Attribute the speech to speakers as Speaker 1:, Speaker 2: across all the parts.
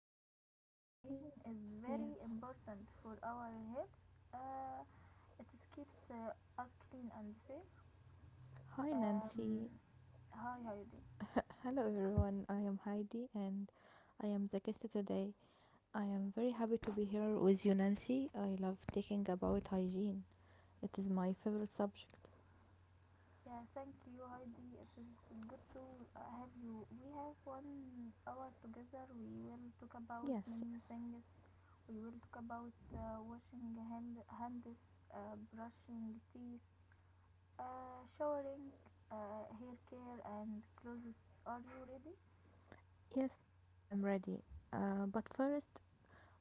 Speaker 1: hygiene. Hygiene is
Speaker 2: Yes,
Speaker 1: very
Speaker 2: yes.
Speaker 1: important for our health. Uh, it keeps us clean and safe.
Speaker 2: Hi,
Speaker 1: Um,
Speaker 2: Nancy.
Speaker 1: Hi, Heidi.
Speaker 2: Hello, everyone. I am Heidi and I am the guest today. I am very happy to be here with you, Nancy. I love talking about hygiene, it is my favorite subject.
Speaker 1: Yeah, thank you, Heidi. It is good to have you. We have 1 hour together. We will talk about
Speaker 2: Yes,
Speaker 1: many
Speaker 2: yes.
Speaker 1: things. We will talk about washing hands, brushing teeth, showering, hair care, and clothes. Are you ready?
Speaker 2: Yes, Nancy, I'm ready. But first,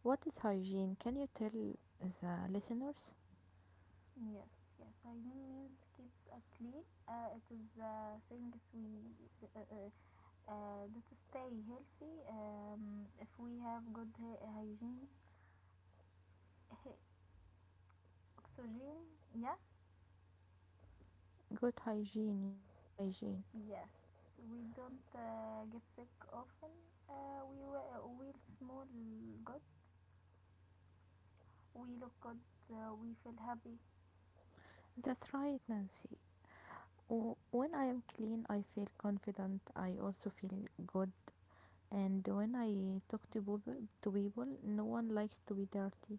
Speaker 2: what is hygiene? Can you tell the listeners?
Speaker 1: Yes, yes. Hygiene means keeps clean. It is things we uh, uh, uh, that stay healthy. If we have good hygiene he- oxygen, yeah,
Speaker 2: Good hygiene, yes, hygiene.
Speaker 1: yes. We don't get sick often. We we'll smell good. We look good. We feel happy.
Speaker 2: That's right, Nancy. When I am clean, I feel confident. I also feel good. And when I talk to people, no one likes to be dirty.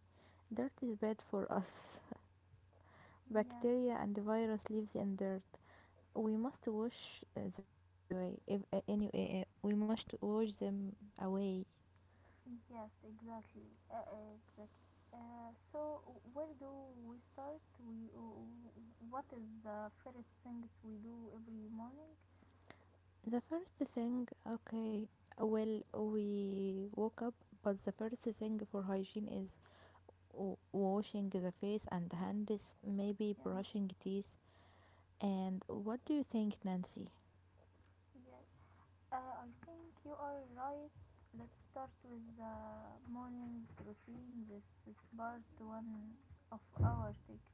Speaker 2: Dirt is bad for us.
Speaker 1: Yeah,
Speaker 2: Bacteria and virus lives in dirt. We must wash them every way. If anyway, we must wash them away.
Speaker 1: yes, exactly, exactly. So where do we start? We What is the first things we do every morning?
Speaker 2: The first thing, okay, well, we woke up, but the first thing for hygiene is washing the face and hands, maybe
Speaker 1: Yeah,
Speaker 2: brushing teeth. And what do you think, Nancy?
Speaker 1: yeah, I think you are right. Let's start with the morning routine. This is part one of our take.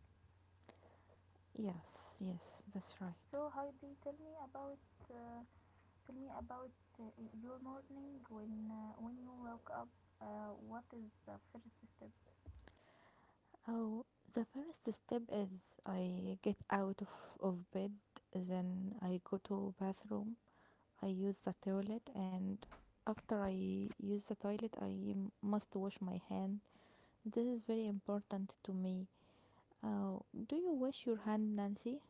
Speaker 2: Yes, yes, that's right.
Speaker 1: So Heidi, uh, tell me about your morning when you woke up. What is the first step?
Speaker 2: Oh, the first step is I get out of bed, then I go to bathroom, I use the toilet, and after I use the toilet, I must wash my hand. This is very important to me. Oh, do you wash your hand, Nancy?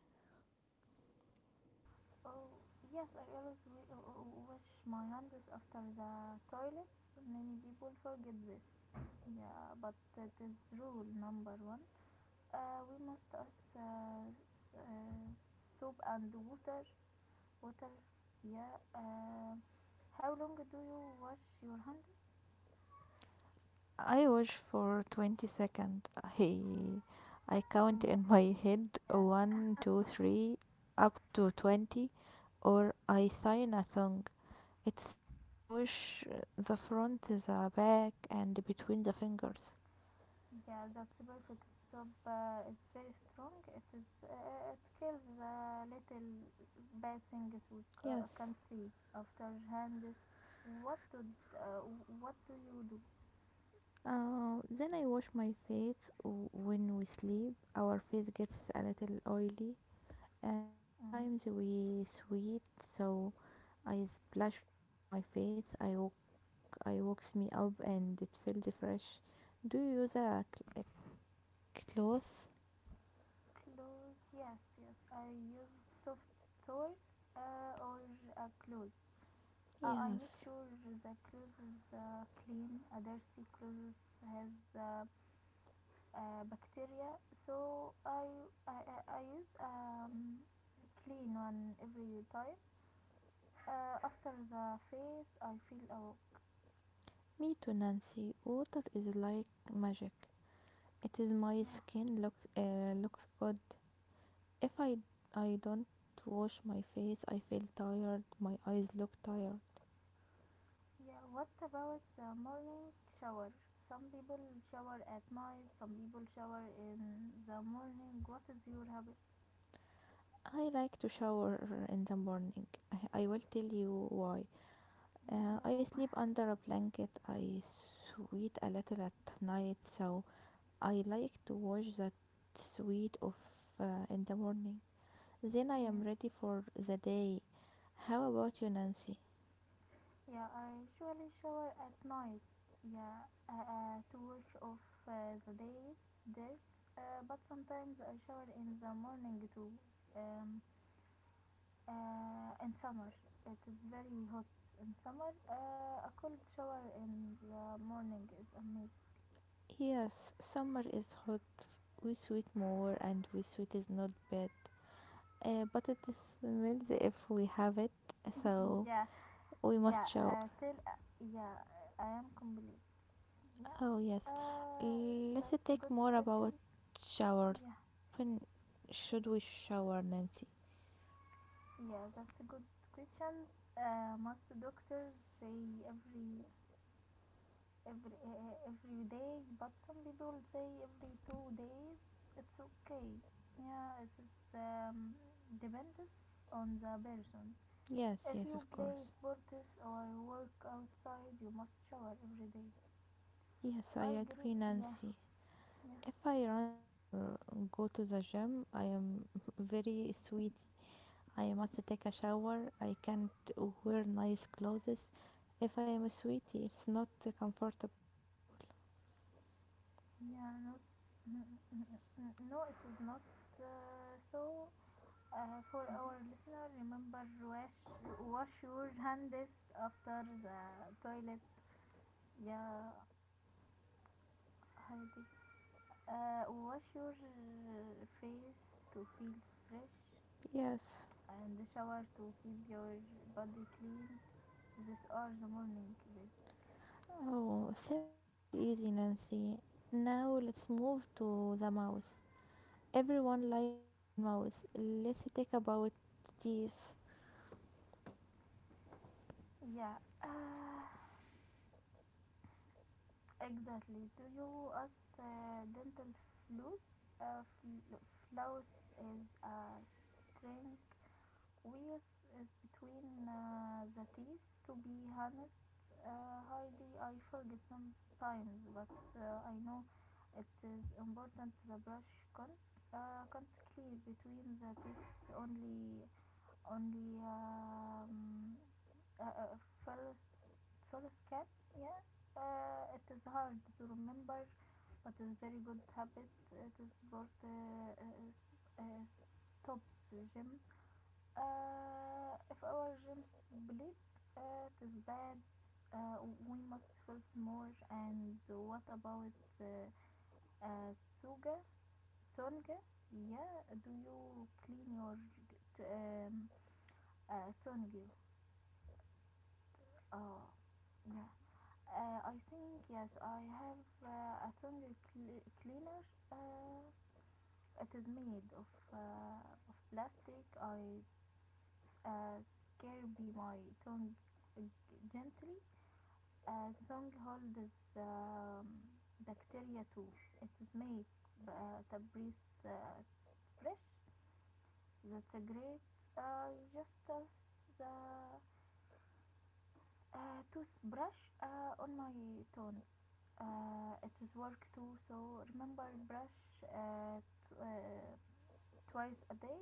Speaker 1: Oh yes, I always wash my hands after the toilet. Many people forget this. Yeah, but that is rule number one. We must us uh, soap and water. Water, yeah. How long do you wash your hands?
Speaker 2: I wash for 20 seconds. I, I count
Speaker 1: Yeah,
Speaker 2: in my head
Speaker 1: yeah,
Speaker 2: one, two, three, up to 20, or I sign a song. It's fun. I wish the front, the back, and between the fingers.
Speaker 1: yeah. That's perfect. Soap is very strong. It is. It kills the little bad things we
Speaker 2: Yes.
Speaker 1: can't see after hand is. What do uh, what do you do?
Speaker 2: Then I wash my face when we sleep. Our face gets a little oily, and
Speaker 1: Mm.
Speaker 2: sometimes we sweat. So I splash water on my face. I woke, I wakes me up, and it feels fresh. Do you use a cloth?
Speaker 1: Clothes, yes, yes. I use soft toy or a clothes. I make
Speaker 2: Yes.
Speaker 1: sure the clothes is clean. A dirty clothes has bacteria, so I use clean one every time. After the face, I feel oh
Speaker 2: Me too, Nancy. Water is like magic. It is my
Speaker 1: yeah
Speaker 2: skin looks good. If I don't wash my face, I feel tired. My eyes look tired.
Speaker 1: yeah. What about the morning shower? Some people shower at night. Some people shower in the morning. What is your habit?
Speaker 2: I like to shower in the morning. I will tell you why.
Speaker 1: Yeah
Speaker 2: I
Speaker 1: no
Speaker 2: sleep under a blanket. I sweat a little at night, so I like to wash that sweat off in the morning. Then I am
Speaker 1: yeah.
Speaker 2: ready for the day. How about you, Nancy?
Speaker 1: Yeah, I usually shower at night. Yeah, to wash off the day's dirt. But sometimes I shower in the morning too. Um, in summer, it is very hot. In summer, a cold shower in the morning is amazing.
Speaker 2: Yes, summer is hot, we sweet more, and we sweet is not bad, but it smells if we have it, so
Speaker 1: yeah,
Speaker 2: we
Speaker 1: yeah.
Speaker 2: must shower.
Speaker 1: Till yeah, I am complete. Yeah.
Speaker 2: Oh, yes,
Speaker 1: Uh,
Speaker 2: let's
Speaker 1: that's a
Speaker 2: take
Speaker 1: good
Speaker 2: more about
Speaker 1: question.
Speaker 2: showers.
Speaker 1: Yeah.
Speaker 2: How often should we shower, Nancy?
Speaker 1: Yeah, that's a good question. Most doctors say every every day, but some people say every 2 days. It's okay. Yeah, it is depends on the person.
Speaker 2: Yes,
Speaker 1: If
Speaker 2: yes,
Speaker 1: you
Speaker 2: of
Speaker 1: play
Speaker 2: course.
Speaker 1: sports or work outside, you must shower every day.
Speaker 2: Yes, I
Speaker 1: I
Speaker 2: agree,
Speaker 1: agree. Yeah,
Speaker 2: Nancy.
Speaker 1: yeah,
Speaker 2: If I run or go to the gym, I am very sweet. I must take a shower. I can't wear nice clothes. If I am a sweetie, it's not comfortable.
Speaker 1: yeah. Not, no, it is not so. For our listener, remember wash your hands after the toilet. Yeah, Heidi. Wash your face to feel fresh
Speaker 2: Yes.
Speaker 1: and shower to keep your body clean. These are the morning tips.
Speaker 2: Oh, simply and easy, Nancy. Now let's move to the mouth. Everyone likes a clean mouth. Let's talk about this.
Speaker 1: Yeah, exactly. Do you use dental floss? Uh, fl- Floss is a string wears is between the teeth. To be honest, Heidi, I forget sometimes, but I know it is important. The brush can't clear between the teeth. Only only First first cat. Yeah, it is hard to remember, but it's very good habit. It is for the uh, stops gym if our gems bleed, it is bad. Uh, we must first more. And what about uh, uh, Tuga? Tonga? Yeah, do you clean your t- um, tongue? Oh, yeah. I think yes, I have a tongue cleaner. Uh, It is made uh, of plastic. I uh, scare my tongue uh, gently. The tongue holds um, bacteria too. It is made to breathe fresh. That's a great. Just as the toothbrush on my tongue. It is work too. So remember, brush t- uh, twice a day.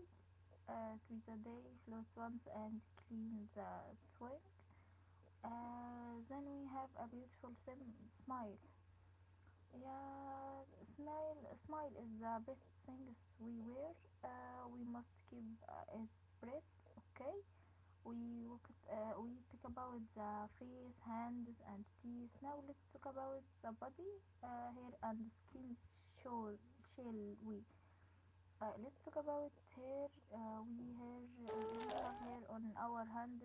Speaker 1: Twice a day, floss once and clean the twig. Then we have a beautiful smile. Yeah, smile, smile is the best things we wear. We must keep is spread. Okay, we look at, we talk about the face, hands, and teeth. Now let's talk about the body, hair, and skin. Shall shall we? Let's talk about hair. Uh, we have hair on our hands.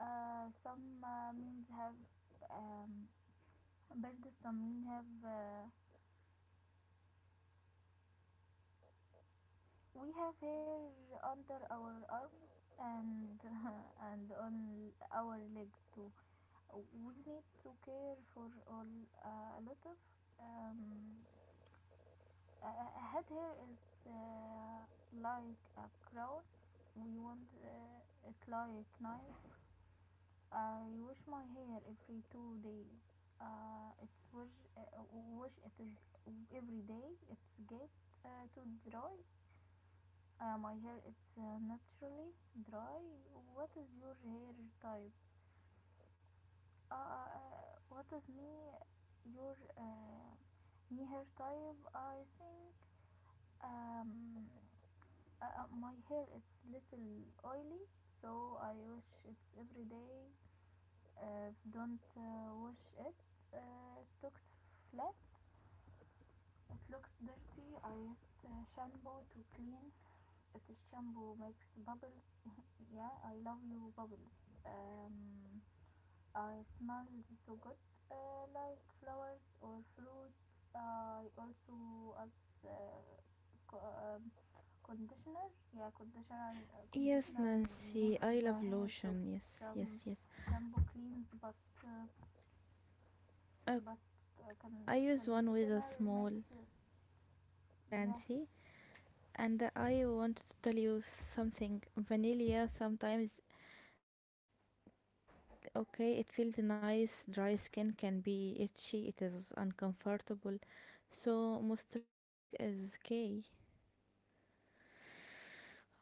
Speaker 1: Some means have um, birds. Some mean have we have hair under our arms and and on our legs too. We need to care for all a lot of um, head hair is uh, like a crown. We want it like nice I wash my hair every 2 days. Uh, it's wash, Wash it is every day. It's get too dry. My hair it's naturally dry. What is your hair type? What is me your me hair type? I think um, my hair it's little oily, so I wash it every day. Don't wash it. It looks flat. It looks dirty. I use shampoo to clean. It shampoo makes bubbles. yeah, I love you bubbles. Um, I smell so good, like flowers or fruit. I also as uh, co- um, conditioner. Yeah, conditioner.
Speaker 2: Yes,
Speaker 1: Conditioner
Speaker 2: Nancy.
Speaker 1: makes the
Speaker 2: I love
Speaker 1: hair
Speaker 2: lotion.
Speaker 1: soft.
Speaker 2: Yes,
Speaker 1: Sham-
Speaker 2: yes, yes.
Speaker 1: Shampoo cleans, but uh, but
Speaker 2: Okay, I use one with a
Speaker 1: conditional
Speaker 2: small
Speaker 1: makes it yeah
Speaker 2: Nancy, and I want to tell you something. Vanilla sometimes. Okay, it feels nice. Dry skin can be itchy, it is uncomfortable. So, moisturizing is key.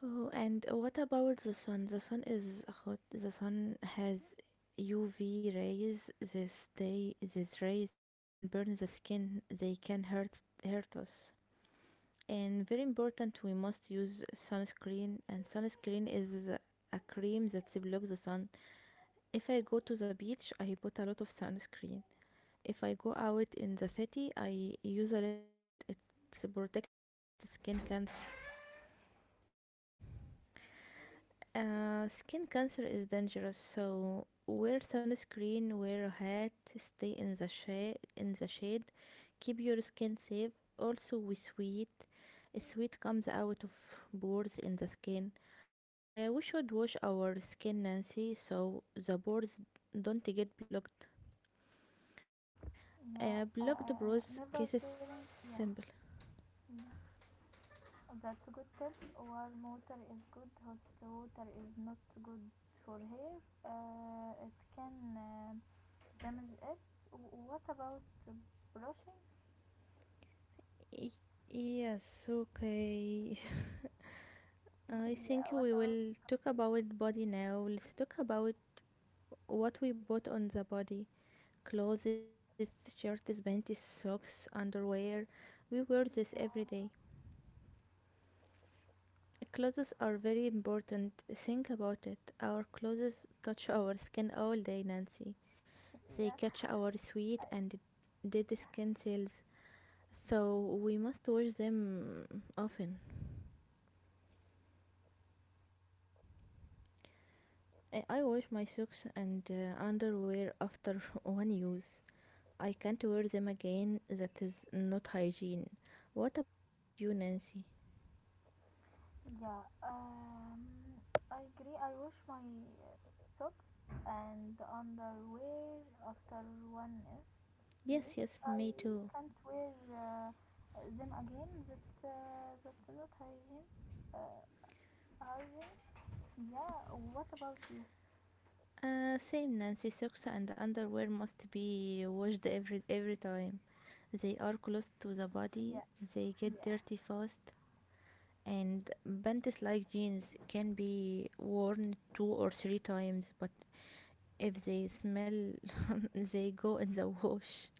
Speaker 2: Oh, and what about the sun? The sun is hot. The sun has UV rays. This day, these rays can burn the skin. They can hurt us. And very important, we must use sunscreen. And sunscreen is a cream that blocks the sun. If I go to the beach, I put a lot of sunscreen. If I go out in the city, I use a little bit. It's protect against skin cancer. Skin cancer is dangerous, so wear sunscreen, wear a hat, stay in the shade. In the shade, keep your skin safe. Also, we sweat. Sweat comes out of pores in the skin. We should wash our skin, Nancy, so the pores don't get blocked. Uh,
Speaker 1: yeah
Speaker 2: blocked pores cases
Speaker 1: never sharing yeah
Speaker 2: simple.
Speaker 1: yeah that's a good tip warm water is good hot water is not good for hair it can damage it what about brushing
Speaker 2: Y- Yes, okay. I
Speaker 1: yeah
Speaker 2: think
Speaker 1: what
Speaker 2: we
Speaker 1: about
Speaker 2: will talk
Speaker 1: brushing
Speaker 2: about body now. Let's talk about what we bought on the body. Clothes, shirts, panties, socks, underwear. We wear this every day.
Speaker 1: yeah
Speaker 2: Clothes are very important. Think about it. Our clothes touch our skin all day, Nancy. They
Speaker 1: yeah
Speaker 2: catch our sweat and dead
Speaker 1: I-
Speaker 2: skin cells. So we must wash them often. I wash my socks and underwear after one use. I can't wear them again. That is not hygiene. What about you, Nancy?
Speaker 1: Yeah, I agree. I wash my socks and underwear after one is
Speaker 2: Yes,
Speaker 1: use.
Speaker 2: yes,
Speaker 1: I
Speaker 2: me too.
Speaker 1: can't wear them again. That's not hygiene. Uh, Hygiene. Yeah. What about you?
Speaker 2: Same, Nancy. Socks and underwear must be washed every time. They are close to the
Speaker 1: Yeah,
Speaker 2: body. They get
Speaker 1: yeah,
Speaker 2: dirty fast. And panties like jeans can be worn two or three times, but if they smell, they go in the wash.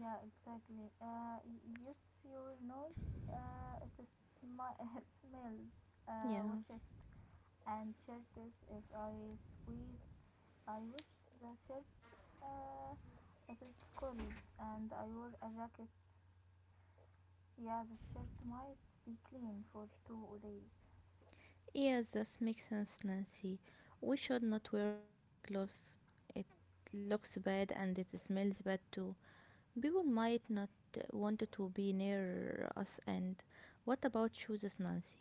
Speaker 1: yeah. Exactly. Use your nose. It is it smells.
Speaker 2: Yeah.
Speaker 1: Wash it and share this if I sweat I wish the shirt uh, it is cold and I wore a jacket. Yeah, the shirt might be clean for 2 days.
Speaker 2: Yes, that makes sense, Nancy. We should not wear dirty clothes. It looks bad and it smells bad too. People might not want to be near us. And what about shoes, Nancy?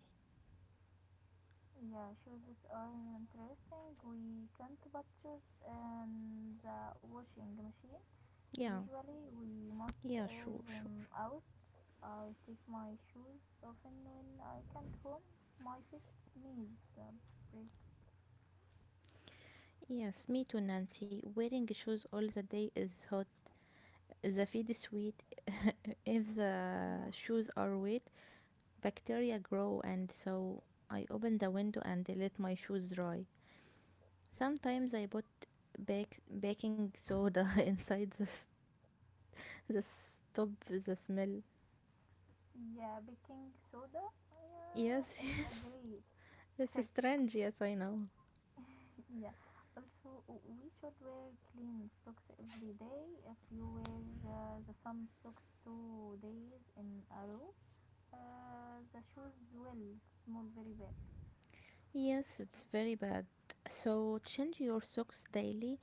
Speaker 1: Yeah, shoes are interesting. We can't put shoes in the washing machine.
Speaker 2: Yeah,
Speaker 1: Usually we must
Speaker 2: yeah,
Speaker 1: air
Speaker 2: sure, sure.
Speaker 1: them out. I take my shoes often when I can't home. My feet need a break.
Speaker 2: Yes, me too, Nancy. Wearing shoes all the day is hot. The feed is sweet. If
Speaker 1: Yeah,
Speaker 2: the shoes are wet, bacteria grow, and so I open the window and let my shoes dry. Sometimes I put baking soda inside the stop the smell.
Speaker 1: yeah, baking soda
Speaker 2: Yes,
Speaker 1: yeah, is a
Speaker 2: yes.
Speaker 1: great
Speaker 2: It's
Speaker 1: trick.
Speaker 2: strange, yes, I know.
Speaker 1: Yeah. Also, we should wear clean socks every day. If you wear the same socks 2 days in a row, the shoes will smell very bad.
Speaker 2: Yes, it's very bad. So change your socks daily.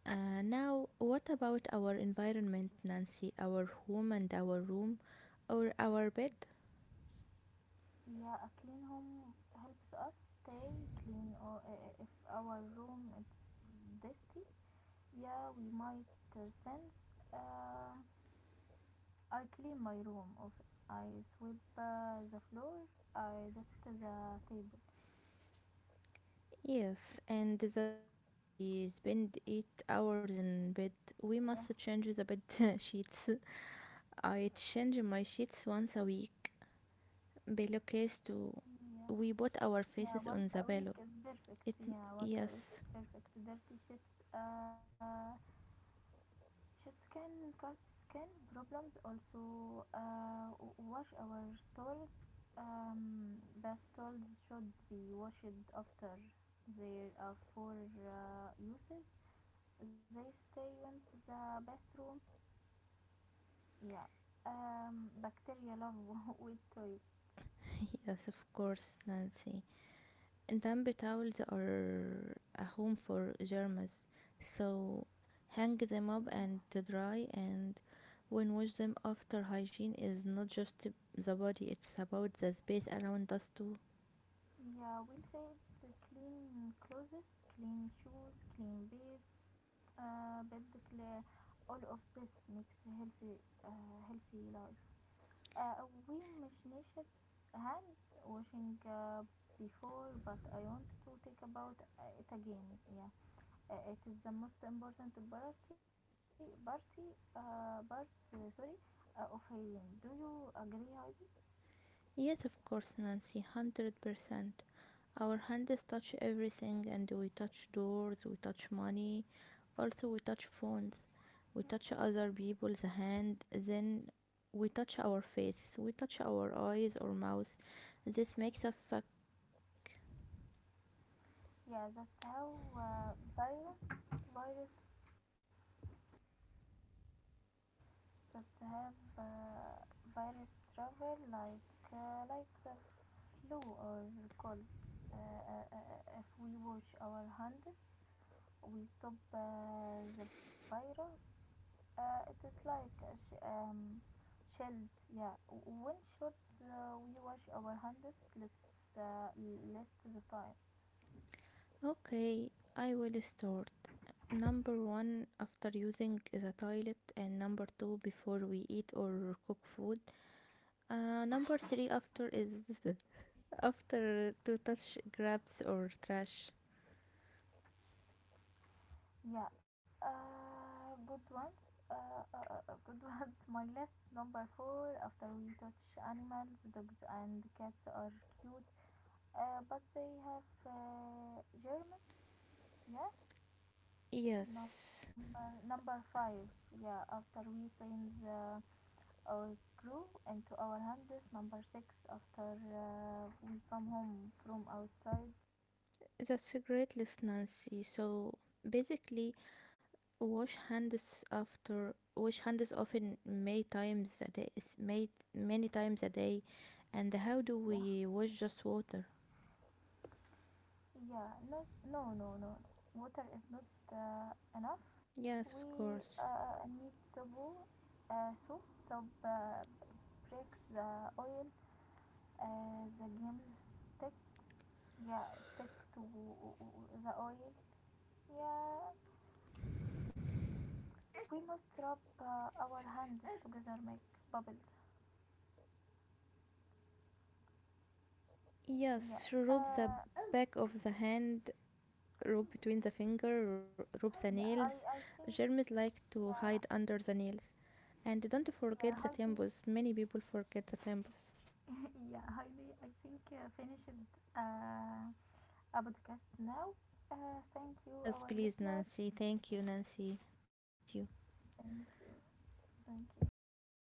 Speaker 2: Now, what about our environment, Nancy? Our home and our room or our bed?
Speaker 1: Yeah, a clean home helps us stay clean. Or if our room is dusty, yeah, we might sense. Uh, I clean my room. Of I sweep the floor. I dust the table.
Speaker 2: Yes, and the bed, we spend 8 hours in bed. We
Speaker 1: Yeah,
Speaker 2: must change the bed sheets. I change my sheets once a week. Pillow case too.
Speaker 1: yeah.
Speaker 2: We put our
Speaker 1: Yeah,
Speaker 2: faces
Speaker 1: once
Speaker 2: on
Speaker 1: a
Speaker 2: the
Speaker 1: week
Speaker 2: pillow.
Speaker 1: is perfect.
Speaker 2: It
Speaker 1: Yeah, once a week
Speaker 2: yes,
Speaker 1: is perfect. Dirty sheets, sheets can cause skin problems. Also, wash our towels. Bath towels should be washed after their are four uses. They stay in the bathroom. Yeah. Bacteria love wet toilet.
Speaker 2: yes, of course, Nancy. Damp towels are a home for germs, so hang them up and to dry and when wash them after hygiene is not just the body, it's about the space around us too.
Speaker 1: Yeah, we'll say the clean clothes, clean shoes, clean bed, bed clear. All of this makes healthy, healthy life. We مش نشرب hand washing before, but I want to take about it again. Yeah, it is the most important part. Sorry, of hygiene. Do you agree, Heidi?
Speaker 2: Yes, of course, Nancy, 100%. Our hands touch everything and we touch doors, we touch money, also we touch phones, we touch other people's hand, then we touch our face, we touch our eyes or mouth. This makes us suck sick.
Speaker 1: Yeah, that's how uh, virus, virus that have virus travel like the flu or cold. If we wash our hands, we stop the virus. It is like a shield. Yeah, when should we wash our hands? Let's list the time.
Speaker 2: Okay, I will start. Number one, after using the toilet, and number two, before we eat or cook food. Number three after is after to touch grabs or trash.
Speaker 1: Yeah, good ones. Good ones. My list number four. After we touch animals, dogs and cats are cute, but they have germs. Yeah. Number
Speaker 2: Yes.
Speaker 1: number five. Yeah. After we send the, our crew into our hands. Number six. After we come home from outside.
Speaker 2: That's a great list, Nancy. So basically, wash hands after wash hands often many times a day. Is made many times a day, and how do we wash just water?
Speaker 1: Yeah, not, no, no, no. Water is not enough. We
Speaker 2: Yes, of course.
Speaker 1: need soap. Soap. Soap breaks the oil. The games stick. Yeah, stick to the oil. Yeah, we must rub our hands together, make bubbles. Yeah.
Speaker 2: Yes, rub the
Speaker 1: Uh,
Speaker 2: back of the hand, rub between the finger, rub the
Speaker 1: yeah.
Speaker 2: nails.
Speaker 1: I
Speaker 2: Germs
Speaker 1: think.
Speaker 2: like to
Speaker 1: Yeah.
Speaker 2: hide under the nails, and don't
Speaker 1: Yeah,
Speaker 2: forget the
Speaker 1: Heidi.
Speaker 2: temples. Many people forget the temples.
Speaker 1: yeah, Heidi. I think finished. Uh, a podcast now. Thank you,
Speaker 2: Yes,
Speaker 1: our
Speaker 2: please,
Speaker 1: listener.
Speaker 2: Nancy. Thank you, Nancy. Nice to meet you.
Speaker 1: Thank you. Thank you.